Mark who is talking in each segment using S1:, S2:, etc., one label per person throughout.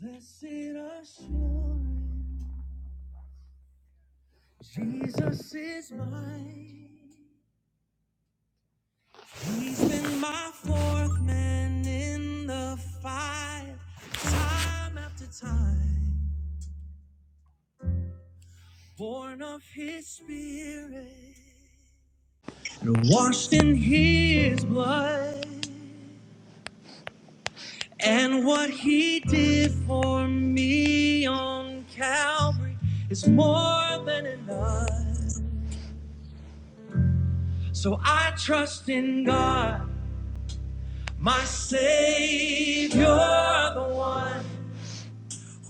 S1: Blessed assurance, Jesus is mine. He's been my fourth man in the fire, time after time. Born of His Spirit and washed in His blood, and what He did for me on Calvary is more than enough. So I trust in God. My Savior, the one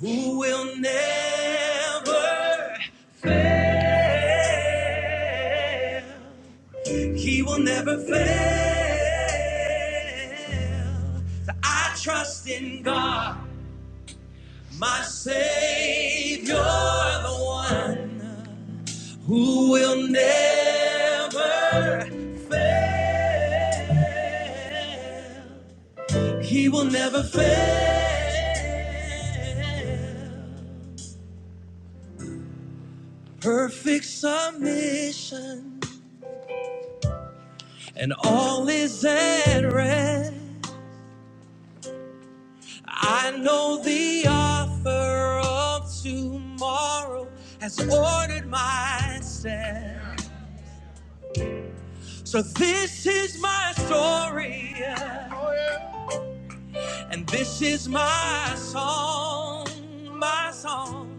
S1: who will never fail. He will never fail. So I trust in God, my Savior, the one who will never fail. He will never fail. Perfect submission, and all is at rest. I know the offer of tomorrow has ordered my steps. So this is my story, yeah. and this is my song, my song.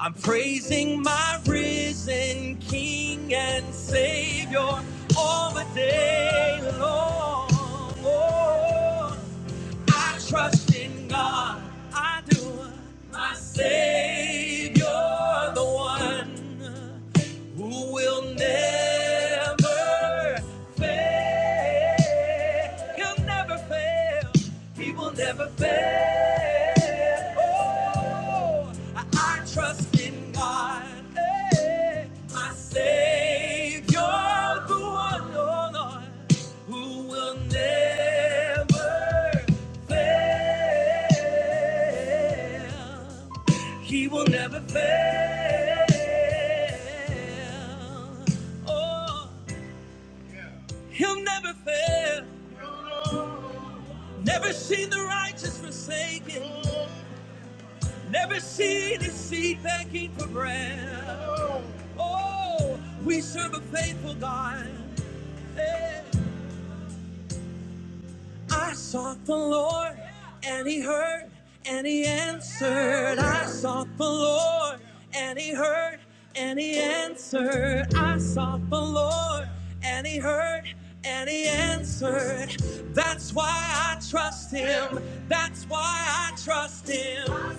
S1: I'm praising my risen King and Savior all the day long. Oh, I trust in God, I do, my Savior, the one who will never fail. He'll never fail. He will never fail. Oh, I, I trust in God, eh, my Savior, the one, oh Lord, who will never fail. He will never fail. Oh, he'll never fail. Never seen the righteous forsaken. Never seen his seed begging for bread. Oh, we serve a faithful God. Hey. I sought the Lord and he heard and he answered. I sought the Lord and he heard and he answered. I sought the Lord and he heard and he answered. That's why I trust him. That's why I trust him.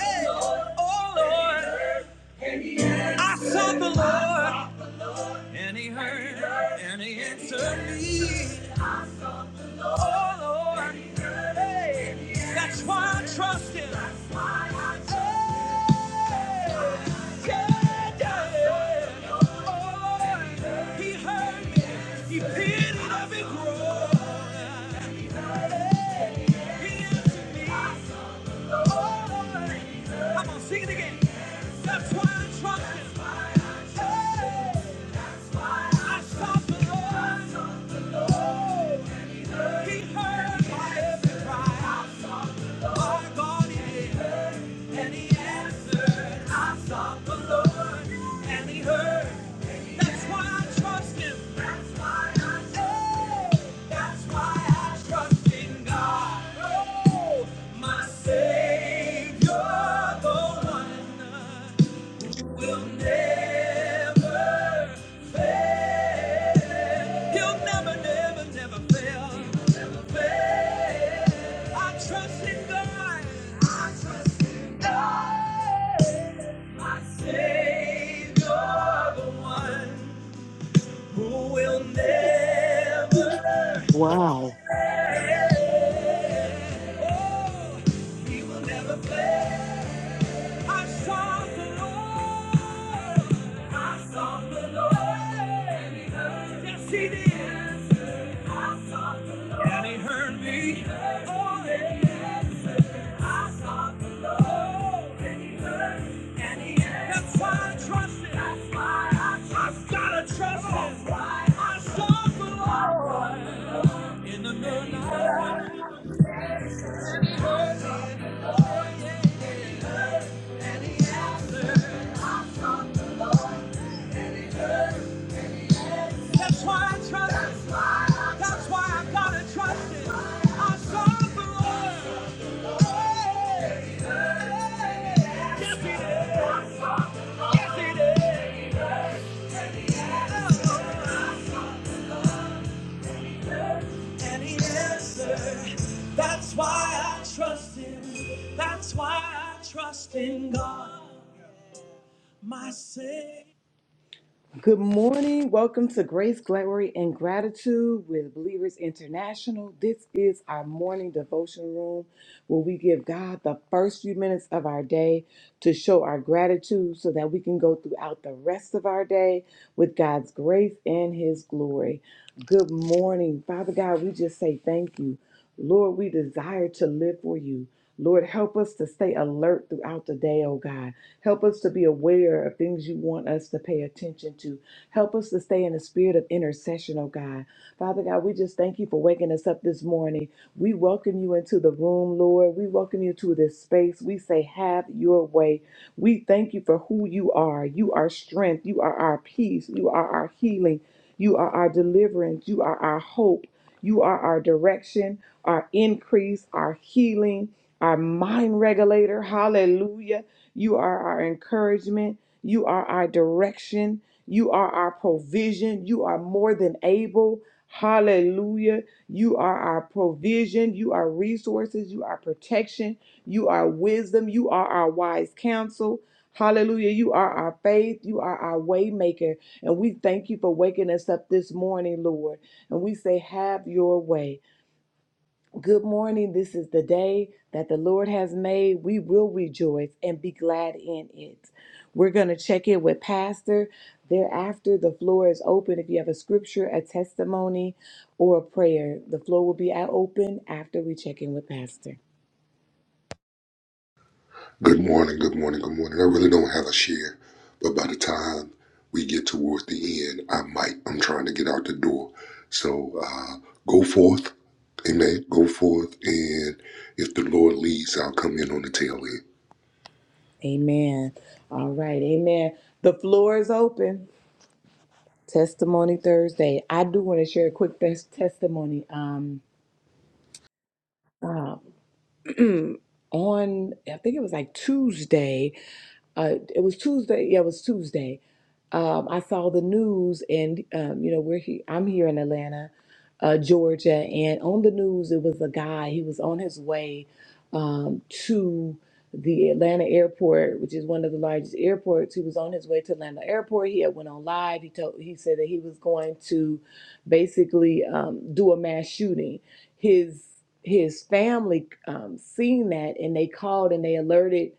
S1: Hey, oh Lord, I sought the Lord and he heard and he answered me. Oh, Lord. Hey, that's why I trust Him. Hey, yeah, yeah. Oh, Lord. He heard me. He pitied every groan. Hey, He answered me. Oh, Lord. Come on, sing it again. That's why I trust Him. Hey, I sought the Lord. Savior, the one will never fail. He'll never, never, never fail. He'll Never fail. I trust in God. I trust in God. My Savior, the one who will never
S2: Wow.
S1: fail. Oh, he will never fail. I sought the Lord. I sought the Lord. And he heard. Yes, I sought the Lord. And he heard me. Oh, yes. I sought the Lord. And he heard. And That's why I trust him. That's why I trust him. That's why I sought the Lord. In the good That's why I trust him. That's why I gotta trust him. Hey, hey. Yes, he Yes, any answer. That's why I trust him. That's why I trust in God, my Savior. Good morning. Welcome to Grace, Glory, and Gratitude with Believers International. This is our morning devotion room where we give God the first few minutes of our day to show our gratitude so that we can go throughout the rest of our day with God's grace and His glory. Good morning. Father God, we just say thank you. Lord, we desire to live for you. Lord, help us to stay alert throughout the day, oh God. Help us to be aware of things you want us to pay attention to. Help us to stay in the spirit of intercession, oh God. Father God, we just thank you for waking us up this morning. We welcome you into the room, Lord. We welcome you to this space. We say, have your way. We thank you for who you are. You are strength. You are our peace. You are our healing. You are our deliverance. You are our hope. You are our direction, our increase, our healing, our mind regulator. Hallelujah. You are our encouragement. You are our direction. You are our provision. You are more than able. Hallelujah. You are our provision. You are resources. You are protection. You are wisdom. You are our wise counsel. Hallelujah. You are our faith. You are our way maker. And we thank you for waking us up this morning, Lord. And we say, have your way. Good morning. This is the day that the Lord has made. We will rejoice and be glad in it. We're going to check in with Pastor. Thereafter, the floor is open. If you have a scripture, a testimony, or a prayer, the floor will be out open after we check in with Pastor.
S3: Good morning, good morning, good morning. I really don't have a share, but by the time we get towards the end, I might. I'm trying to get out the door. So uh, go forth, amen. Go forth, and if the Lord leads, I'll come in on the tail end.
S1: Amen. All right. Amen. The floor is open. Testimony Thursday. I do want to share a quick tes- testimony. Um, on I think it was like Tuesday. uh, it was Tuesday. Yeah, it was Tuesday. Um, I saw the news, and um, you know, we're here. I'm here in Atlanta, uh, Georgia, and on the news it was a guy. He was on his way um, to the Atlanta airport, which is one of the largest airports. He was on his way to Atlanta airport. He had went on live. He told he said that he was going to basically um, do a mass shooting. His his family um, seen that, and they called and they alerted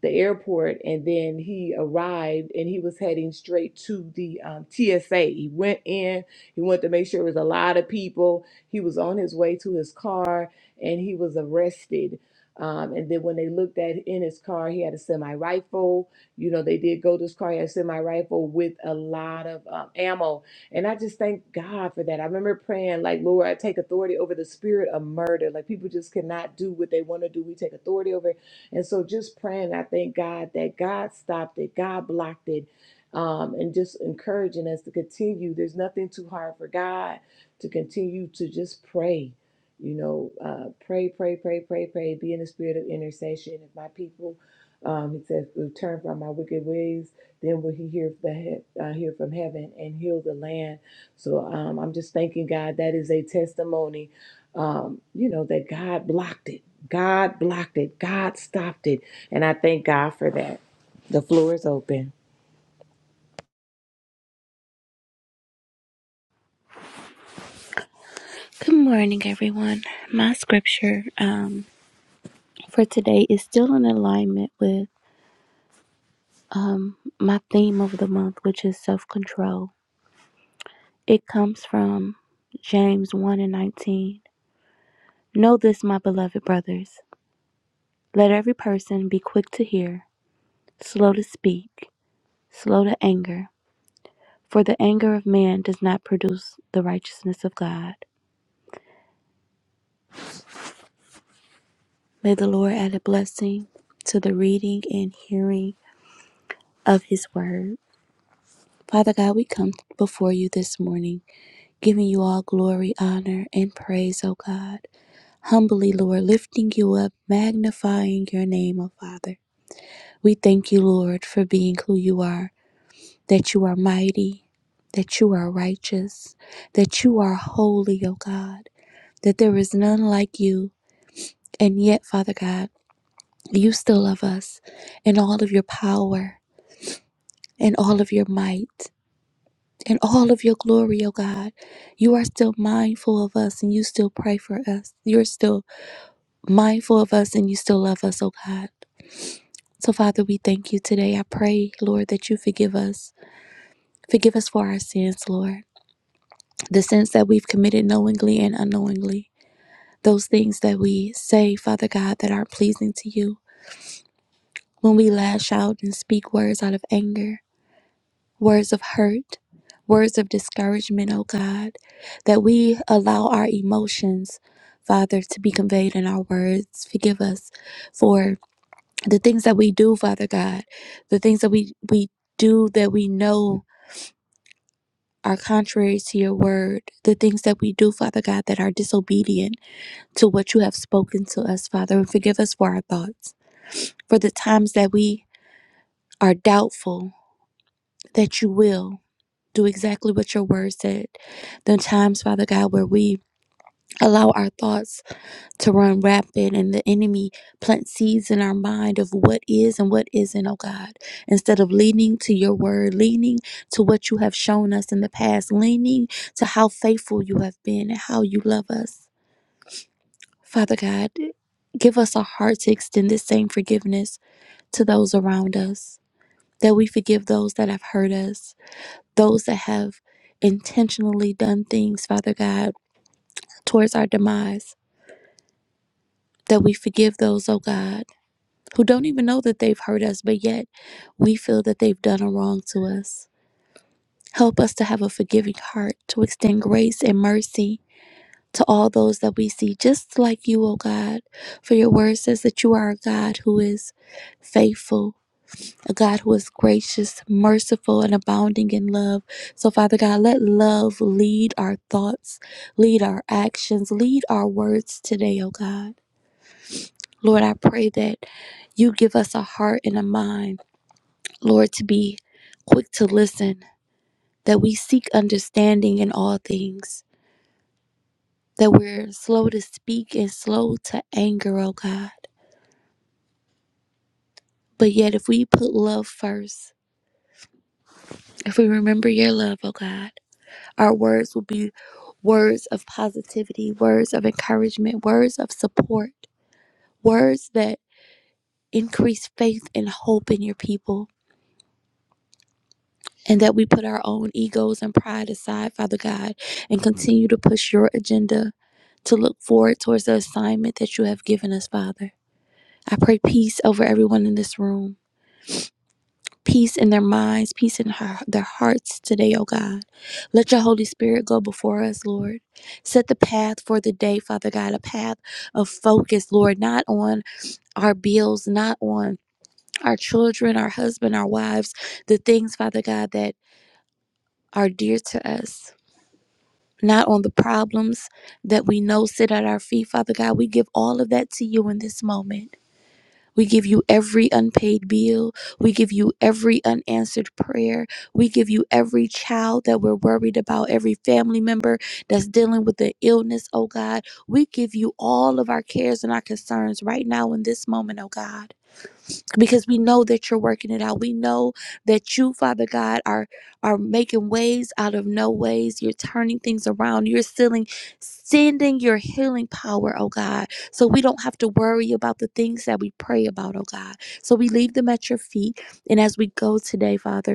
S1: the airport and then he arrived and he was heading straight to the um, TSA. He went in, he wanted to make sure it was a lot of people. He was on his way to his car and he was arrested. Um, and then when they looked at in his car, he had a semi rifle. You know, they did go to his car. He had a semi rifle with a lot of um, ammo. And I just thank God for that. I remember praying, like, Lord, I take authority over the spirit of murder. Like, people just cannot do what they want to do. We take authority over and so just praying, I thank God that God stopped it, God blocked it, um, and just encouraging us to continue. There's nothing too hard for God to continue to just pray. You know, uh, pray, pray, pray, pray, pray. Be in the spirit of intercession. If my people, um, he says, will turn from my wicked ways, then will he hear the he- uh, hear from heaven and heal the land. So um, I'm just thanking God. That is a testimony um, you know, that God blocked it. God blocked it. God stopped it. And I thank God for that. The floor is open.
S4: Good morning, everyone. My scripture um, for today is still in alignment with um, my theme of the month, which is self control. It comes from James 1 and 19. Know this, my beloved brothers. Let every person be quick to hear, slow to speak, slow to anger, for the anger of man does not produce the righteousness of God. May the Lord add a blessing to the reading and hearing of his word. Father God, we come before you this morning, giving you all glory, honor, and praise, O God. Humbly, Lord, lifting you up, magnifying your name, O Father. We thank you, Lord, for being who you are, that you are mighty, that you are righteous, that you are holy, O God, that there is none like you. And yet, Father God, you still love us in all of your power and all of your might. in all of your glory, O God. You are still mindful of us and you still pray for us. You're still mindful of us and you still love us, O God. So, Father, we thank you today. I pray, Lord, that you forgive us. Forgive us for our sins, Lord. The sins that we've committed knowingly and unknowingly. Those things that we say, Father God, that aren't pleasing to you. When we lash out and speak words out of anger, words of hurt, words of discouragement, oh God, that we allow our emotions, Father, to be conveyed in our words. Forgive us for the things that we do, Father God, the things that we, we do that we know are contrary to your word, the things that we do, Father God, that are disobedient to what you have spoken to us, Father. And forgive us for our thoughts, for the times that we are doubtful that you will. do exactly what your word said. The times, Father God, where we allow our thoughts to run rapid and the enemy plant seeds in our mind of what is and what isn't, oh God. Instead of leaning to your word, leaning to what you have shown us in the past, leaning to how faithful you have been and how you love us. Father God, give us a heart to extend this same forgiveness to those around us, that we forgive those that have hurt us those that have intentionally done things, Father God, towards our demise, that we forgive those, oh God, who don't even know that they've hurt us, but yet we feel that they've done a wrong to us. Help us to have a forgiving heart, to extend grace and mercy to all those that we see, just like you, O God. For your word says that you are a God who is faithful a God who is gracious, merciful, and abounding in love. So, Father God, let love lead our thoughts, lead our actions, lead our words today, oh God. Lord, I pray that you give us a heart and a mind, Lord, to be quick to listen, that we seek understanding in all things, that we're slow to speak and slow to anger, oh God. But yet, if we put love first, if we remember your love, oh God, Our words will be words of positivity, words of encouragement, words of support, words that increase faith and hope in your people. And that we put our own egos and pride aside, Father God, and continue to push your agenda to look forward towards the assignment that you have given us, Father. I pray peace over everyone in this room. peace in their minds, peace in her, their hearts today, oh God. Let your Holy Spirit go before us, Lord. Set the path for the day, Father God, a path of focus, Lord, not on our bills, not on our children, our husband, our wives, the things, Father God, that are dear to us. Not on the problems that we know sit at our feet, Father God. We give all of that to you in this moment. We give you every unpaid bill. We give you every unanswered prayer. We give you every child that we're worried about, every family member that's dealing with an illness, oh God. We give you all of our cares and our concerns right now in this moment, oh God because we know that you're working it out. We know that you, Father God, are are making ways out of no ways. You're turning things around. You're sealing, sending your healing power, oh God. So we don't have to worry about the things that we pray about, oh God. So we leave them at your feet. And as we go today, Father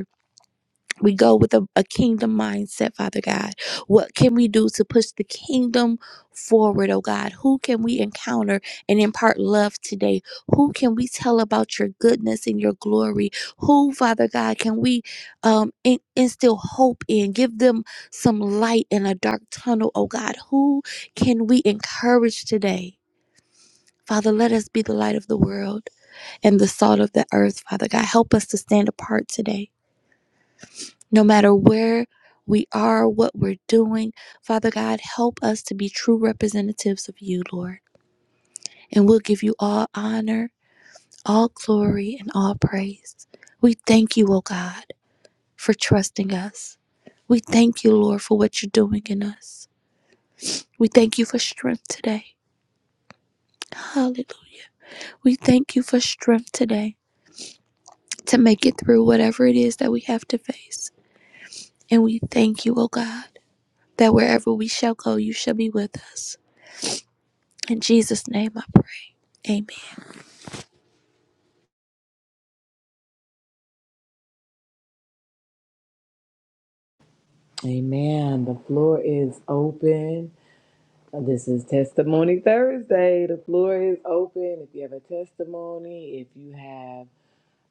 S4: we go with a, a kingdom mindset, Father God. What can we do to push the kingdom forward, oh God? Who can we encounter and impart love today? Who can we tell about your goodness and your glory? Who, Father God, can we um, in- instill hope in? Give them some light in a dark tunnel, oh God. Who can we encourage today? Father, let us be the light of the world and the salt of the earth, Father God. Help us to stand apart today no matter where we are, what we're doing. Father God, help us to be true representatives of you, Lord. And we'll give you all honor, all glory, and all praise. We thank you, O God, for trusting us. We thank you, Lord, for what you're doing in us. We thank you for strength today. Hallelujah. We thank you for strength today to make it through whatever it is that we have to face. And we thank you, O God, that wherever we shall go, you shall be with us. In Jesus' name I pray. Amen.
S1: Amen. The floor is open. This is Testimony Thursday. The floor is open. If you have a testimony, if you have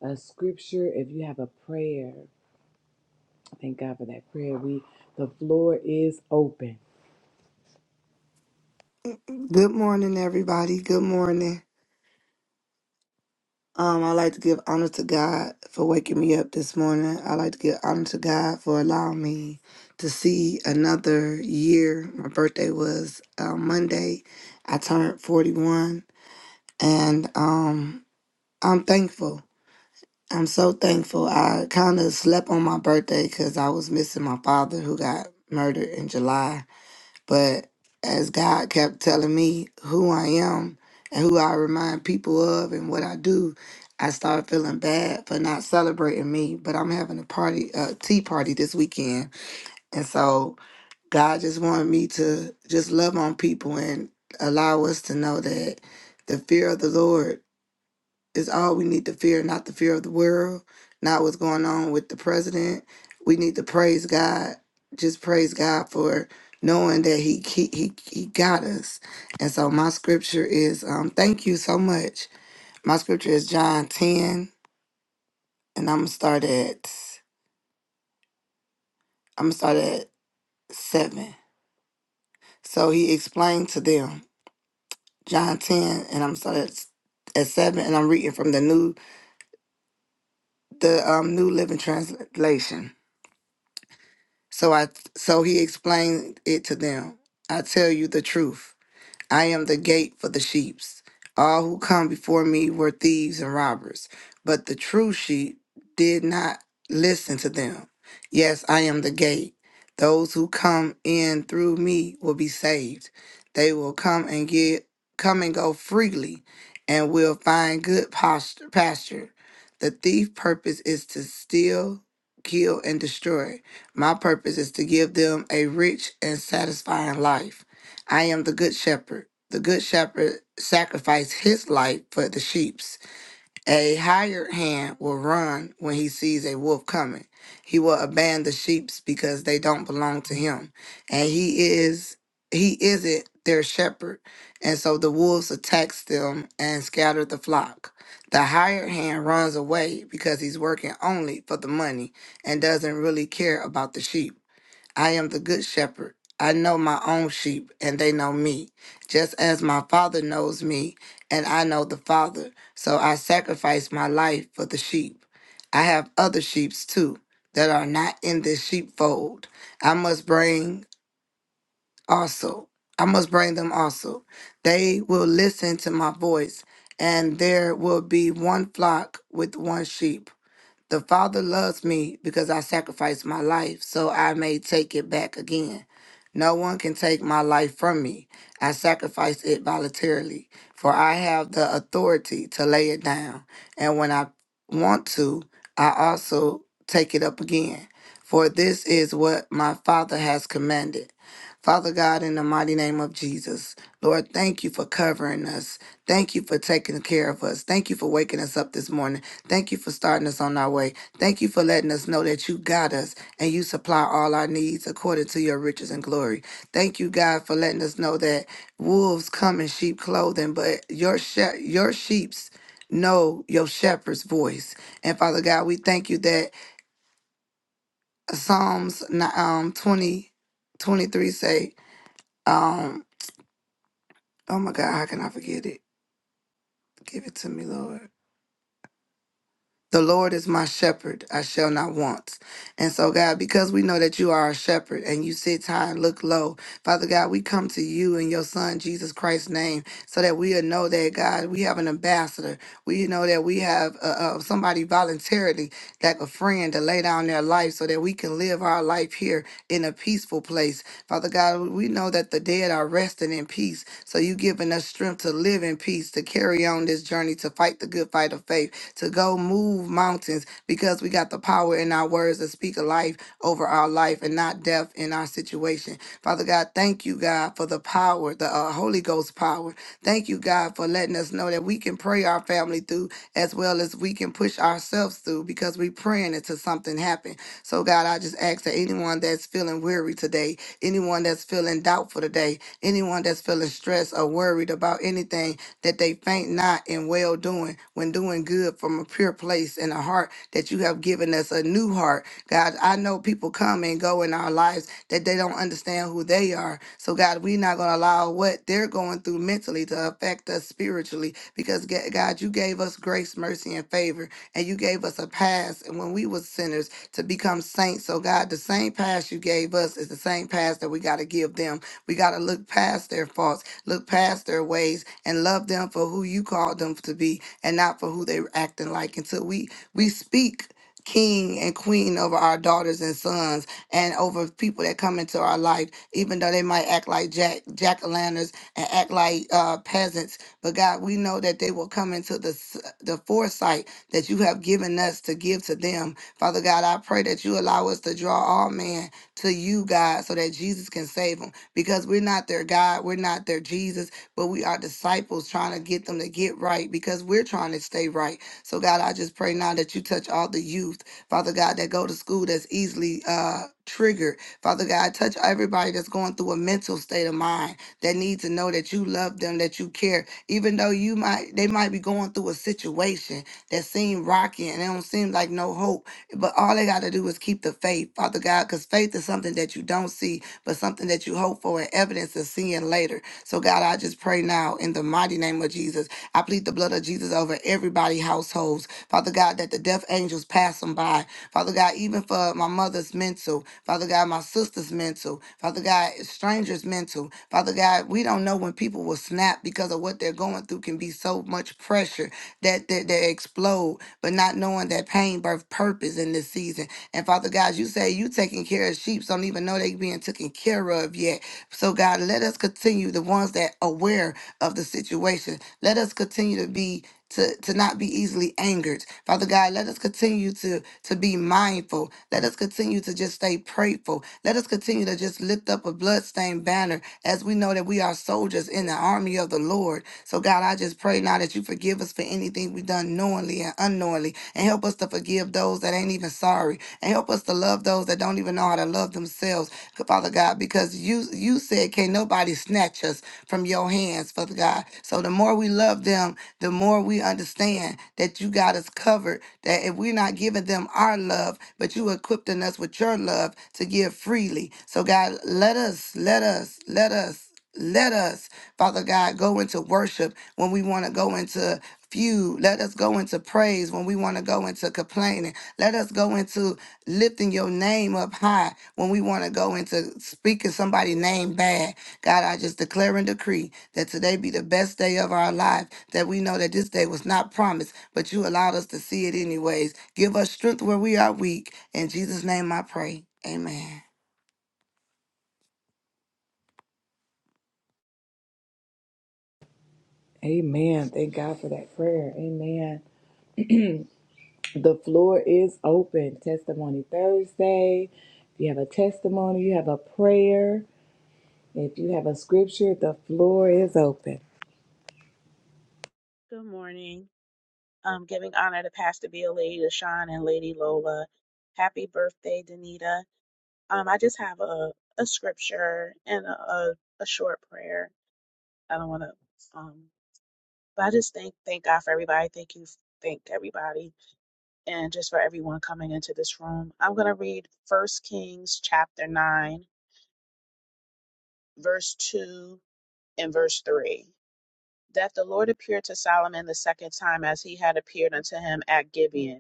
S1: a scripture, if you have a prayer, thank God for that prayer. We the floor is open.
S5: Good morning, everybody. Good morning. Um, I like to give honor to God for waking me up this morning. I like to give honor to God for allowing me to see another year. My birthday was uh, Monday. I turned 41, and um, I'm thankful. I'm so thankful. I kind of slept on my birthday because I was missing my father who got murdered in July But as God kept telling me who I am and who I remind people of and what I do, I started feeling bad for not celebrating me. But I'm having a party, a tea party this weekend. And so God just wanted me to just love on people and allow us to know that the fear of the Lord is all we need to fear, not the fear of the world, not what's going on with the president. We need to praise God, just praise God for knowing that He He He, he got us. And so my scripture is, um, thank you so much. My scripture is John ten, and I'm gonna start at I'm gonna start at seven. So He explained to them John ten, and I'm gonna start at at seven, and I'm reading from the new the um, New Living Translation. So I so he explained it to them. I tell you the truth. I am the gate for the sheep. All who come before me were thieves and robbers, but the true sheep did not listen to them. Yes, I am the gate. Those who come in through me will be saved. They will come and get come and go freely and will find good posture, pasture. The thief purpose is to steal, kill and destroy. My purpose is to give them a rich and satisfying life. I am the good shepherd. The good shepherd sacrificed his life for the sheep's. A hired hand will run when he sees a wolf coming. He will abandon the sheep's because they don't belong to him. And he is he isn't their shepherd. And so the wolves attacks them and scatter the flock. The hired hand runs away because he's working only for the money and doesn't really care about the sheep. I am the good shepherd. I know my own sheep, and they know me, just as my Father knows me, and I know the Father. So I sacrifice my life for the sheep. I have other sheep too that are not in this sheepfold. I must bring also. I must bring them also. They will listen to my voice, and there will be one flock with one sheep. The Father loves me because I sacrificed my life so I may take it back again. No one can take my life from me. I sacrificed it voluntarily, for I have the authority to lay it down. And when I want to, I also take it up again. For this is what my Father has commanded. Father God, in the mighty name of Jesus, Lord, thank you for covering us. Thank you for taking care of us. Thank you for waking us up this morning. Thank you for starting us on our way. Thank you for letting us know that you got us and you supply all our needs according to your riches and glory. Thank you, God, for letting us know that wolves come in sheep clothing, but your she- your sheep's know your shepherd's voice. And Father God, we thank you that Psalms ni- um 20 23 say, um, oh my God, how can I forget it? Give it to me, Lord. The Lord is my shepherd, I shall not want. And so, God, because we know that you are our shepherd and you sit high and look low, Father God, we come to you in your Son, Jesus Christ's name, so that we'll know that, God, we have an ambassador. We know that we have uh, uh, somebody voluntarily, like a friend, to lay down their life so that we can live our life here in a peaceful place. Father God, we know that the dead are resting in peace. So you've given us strength to live in peace, to carry on this journey, to fight the good fight of faith to go move mountains because we got the power in our words to speak a life over our life and not death in our situation. Father God, thank you, God, for the power, the uh, Holy Ghost power. Thank you, God, for letting us know that we can pray our family through as well as we can push ourselves through because we're praying until something happen. So, God, I just ask that anyone that's feeling weary today, anyone that's feeling doubtful today, anyone that's feeling stressed or worried about anything, that they faint not in well doing when doing good from a pure place and a heart that you have given us a new heart. God, I know people come and go in our lives that they don't understand who they are. So, God, we're not going to allow what they're going through mentally to affect us spiritually because, Ga- God, you gave us grace, mercy, and favor, and you gave us a pass And when we was sinners to become saints. So, God, the same pass you gave us is the same pass that we got to give them. We got to look past their faults Look past their ways and love them for who you called them to be and not for who they're acting like until we we speak king and queen over our daughters and sons and over people that come into our life even though they might act like jack jack-o'-lanterns and act like uh peasants but god we know that they will come into the s- the foresight that you have given us to give to them father god i pray that you allow us to draw all men to you god so that jesus can save them because we're not their God, we're not their Jesus, but we are disciples trying to get them to get right because we're trying to stay right. So, God, I just pray now that you touch all the youth, Father God, that go to school that's easily uh, triggered. Father God, touch everybody that's going through a mental state of mind that needs to know that you love them, that you care, even though you might they might be going through a situation that seem rocky and it don't seem like no hope. But all they got to do is keep the faith, Father God, because faith is something that you don't see but something that you hope for and evidence of seeing later. So, God, I just pray now in the mighty name of Jesus. I plead the blood of Jesus over everybody households. Father God, that the death angels pass them by. Father God, even for my mother's mental. Father God, my sister's mental. Father God, strangers' mental. Father God, we don't know when people will snap because of what they're going through can be so much pressure that they, they explode, but not knowing that pain birth purpose in this season. And Father God, you say you taking care of sheep, so don't even know they being taken care of yet. So God, let us continue the ones that aware of the situation. Let us continue to be to, to not be easily angered. Father God, let us continue to to be mindful. Let us continue to just stay prayerful. Let us continue to just lift up a bloodstained banner as we know that we are soldiers in the army of the Lord. So God, I just pray now that you forgive us for anything we've done knowingly and unknowingly and help us to forgive those that ain't even sorry and help us to love those that don't even know how to love themselves, Father God, because you you said, "Can't nobody snatch us from your hands, Father God." So the more we love them, the more we understand that you got us covered. That if we're not giving them our love, but you equipping us with your love to give freely. So God, let us, let us, let us. Let us, Father God, go into worship when we want to go into feud, let us go into praise. When we want to go into complaining, let us go into lifting your name up high. When we want to go into speaking somebody's name bad, God, I just declare and decree that today be the best day of our life, that we know that this day was not promised, but you allowed us to see it anyways. Give us strength where we are weak. In Jesus' name I pray. Amen.
S1: Amen. Thank God for that prayer. Amen. The floor is open. Testimony Thursday. If you have a testimony, you have a prayer, if you have a scripture, the floor is open.
S6: Good morning. Um, giving honor to Pastor Bill, Lady Deshawn, and Lady Lola. Happy birthday, Danita. Um, I just have a, a scripture and a, a, a short prayer. I don't want to, um, but I just thank thank God for everybody. Thank you, thank everybody, and just for everyone coming into this room. I'm gonna read First Kings chapter nine, verse two and verse three. That the Lord appeared to Solomon the second time as he had appeared unto him at Gibeon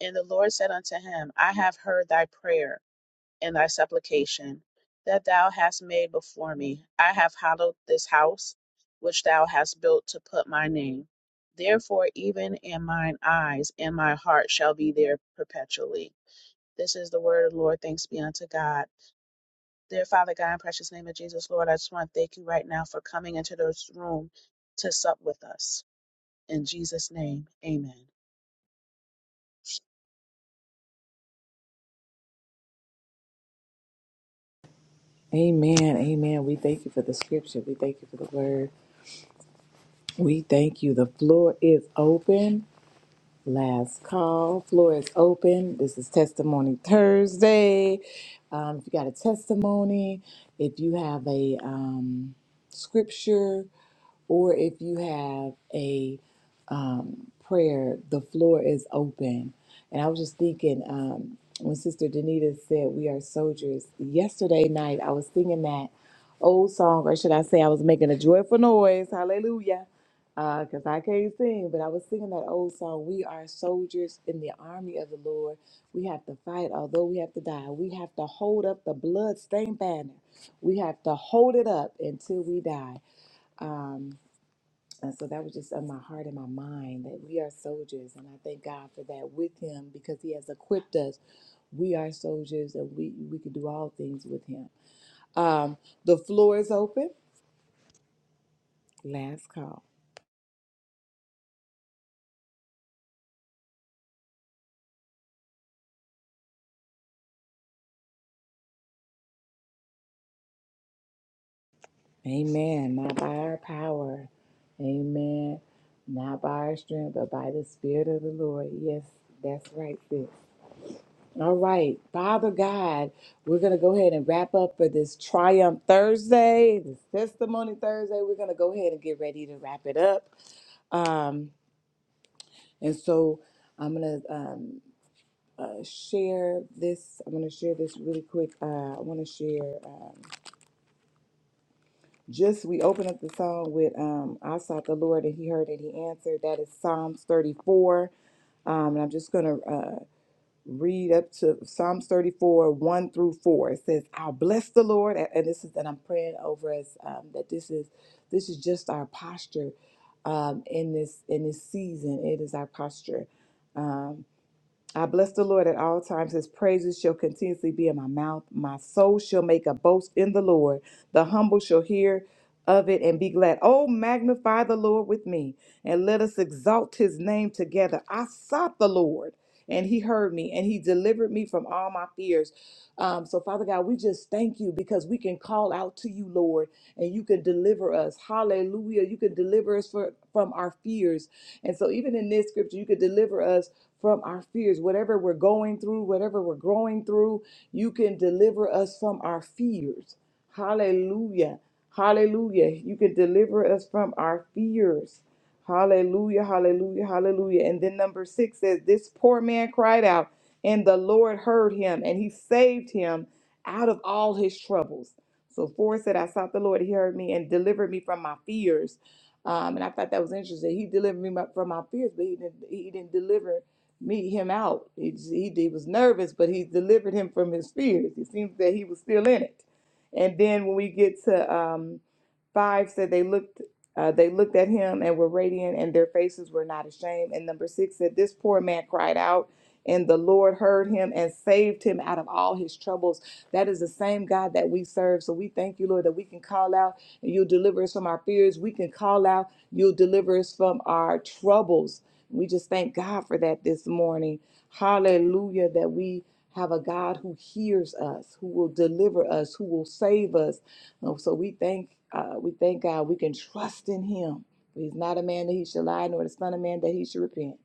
S6: And the Lord said unto him, I have heard thy prayer and thy supplication that thou hast made before me. I have hallowed this house which thou hast built to put my name. Therefore, even in mine eyes and my heart shall be there perpetually. This is the word of the Lord. Thanks be unto God. Dear Father God, in precious name of Jesus, Lord, I just want to thank you right now for coming into this room to sup with us. In Jesus' name, amen.
S1: Amen. Amen. We thank you for the scripture. We thank you for the word. We thank you. The floor is open. Last call. Floor is open. This is Testimony Thursday. Um, if you got a testimony, if you have a um, scripture, or if you have a um, prayer, the floor is open. And I was just thinking um, when Sister Danita said, We are soldiers, yesterday night I was singing that old song, or should I say, I was making a joyful noise, hallelujah, because I can't sing, but I was singing that old song, We are soldiers in the army of the Lord. We have to fight, although we have to die. We have to hold up the blood-stained banner. We have to hold it up until we die Um, and so that was just on my heart and my mind that we are soldiers. And I thank God for that with Him because He has equipped us. We are soldiers and we, we can do all things with Him. Um, the floor is open. Last call. Amen. Not by our power. Amen. Not by our strength, but by the Spirit of the Lord. Yes, that's right, sis. All right, Father God, we're going to go ahead and wrap up for this Triumph Thursday, this Testimony Thursday. We're going to go ahead and get ready to wrap it up. Um, and so I'm going to um, uh, share this. I'm going to share this really quick. Uh, I want to share um, just we opened up the song with um, I sought the Lord and He heard and He answered. That is Psalms 34. Um, and I'm just going to read up to Psalms 34, 1 through 4. It says, I'll bless the Lord. And and this is that I'm praying over us, um, that this is this is just our posture um, in this in this season. It is our posture. Um, I bless the Lord at all times. His praises shall continuously be in my mouth. My soul shall make a boast in the Lord. The humble shall hear of it and be glad. Oh, magnify the Lord with me, and let us exalt his name together. I sought the Lord, and he heard me, and he delivered me from all my fears. Um, so, Father God, we just thank you because we can call out to you, Lord, and you can deliver us. Hallelujah. You can deliver us for, from our fears. And so, even in this scripture, you can deliver us from our fears. Whatever we're going through, whatever we're growing through, you can deliver us from our fears. Hallelujah. Hallelujah. You can deliver us from our fears. Hallelujah. Hallelujah. Hallelujah. And then number six says, This poor man cried out, and the Lord heard him, and he saved him out of all his troubles. So four said, I sought the Lord, he heard me and delivered me from my fears. Um, and I thought that was interesting. He delivered me my- from my fears, but he didn't, he didn't deliver meet him out. He, he, he was nervous, but he delivered him from his fears. It seems that he was still in it. And then when we get to um, five, said they looked uh, they looked at him and were radiant, and their faces were not ashamed. And number six said this poor man cried out. And the Lord heard him and saved him out of all his troubles. That is the same God that we serve. So we thank you, Lord, that we can call out and you'll deliver us from our fears. We can call out, you'll deliver us from our troubles. We just thank God for that this morning. Hallelujah, that we have a God who hears us, who will deliver us, who will save us. And so we thank uh, we thank God we can trust in him. He's not a man that he should lie, nor the son of man that he should repent.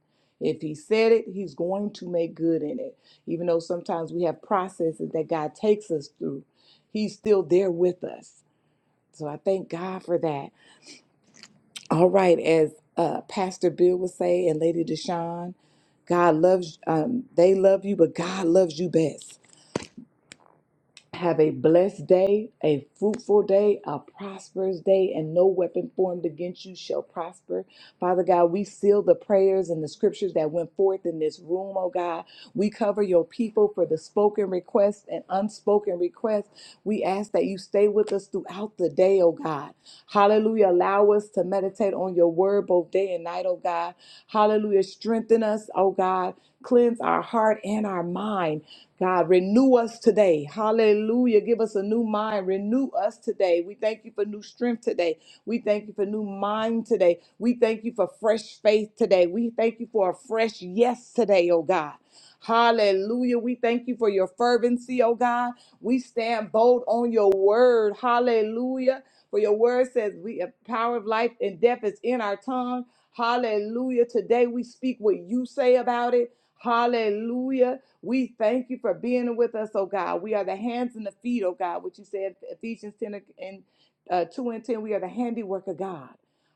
S1: If he said it, he's going to make good in it. Even though sometimes we have processes that God takes us through, he's still there with us. So I thank God for that. All right, as uh, Pastor Bill would say, and Lady Deshawn, God loves um, they love you, but God loves you best. Have a blessed day, a fruitful day, a prosperous day, and no weapon formed against you shall prosper. Father God, we seal the prayers and the scriptures that went forth in this room, oh God. We cover your people for the spoken requests and unspoken requests. We ask that you stay with us throughout the day, oh God. Hallelujah. Allow us to meditate on your word both day and night, oh God. Hallelujah. Strengthen us, oh God. Cleanse our heart and our mind. God, renew us today. Hallelujah. Give us a new mind. Renew us today. We thank you for new strength today. We thank you for new mind today. We thank you for fresh faith today. We thank you for a fresh yes today, oh God. Hallelujah. We thank you for your fervency, oh God. We stand bold on your word. Hallelujah. For your word says we a power of life and death is in our tongue. Hallelujah. Today we speak what you say about it. Hallelujah. We thank you for being with us, oh God. We are the hands and the feet, oh God, what you said, Ephesians 10 and uh, 2 and 10. We are the handiwork of God.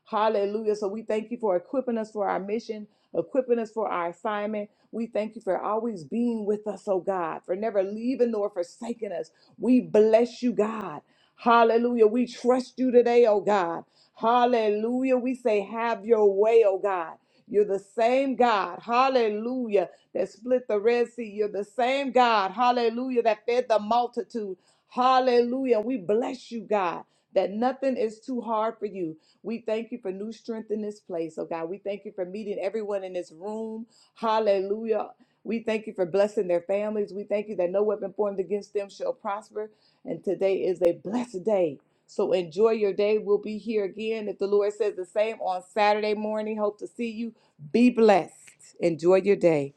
S1: Hallelujah. So we thank you for equipping us for our mission, equipping us for our assignment. We thank you for always being with us, oh God, for never leaving nor forsaking us. We bless you, God. Hallelujah. We trust you today, oh God. Hallelujah. We say, have your way, oh God. You're the same God, hallelujah, that split the Red Sea. You're the same God, hallelujah, that fed the multitude. Hallelujah. We bless you, God that nothing is too hard for you. We thank you for new strength in this place, oh God. We thank you for meeting everyone in this room. Hallelujah. We thank you for blessing their families. We thank you that no weapon formed against them shall prosper. And today is a blessed day. So enjoy your day. We'll be here again. If the Lord says the same on Saturday morning, hope to see you. Be blessed. Enjoy your day.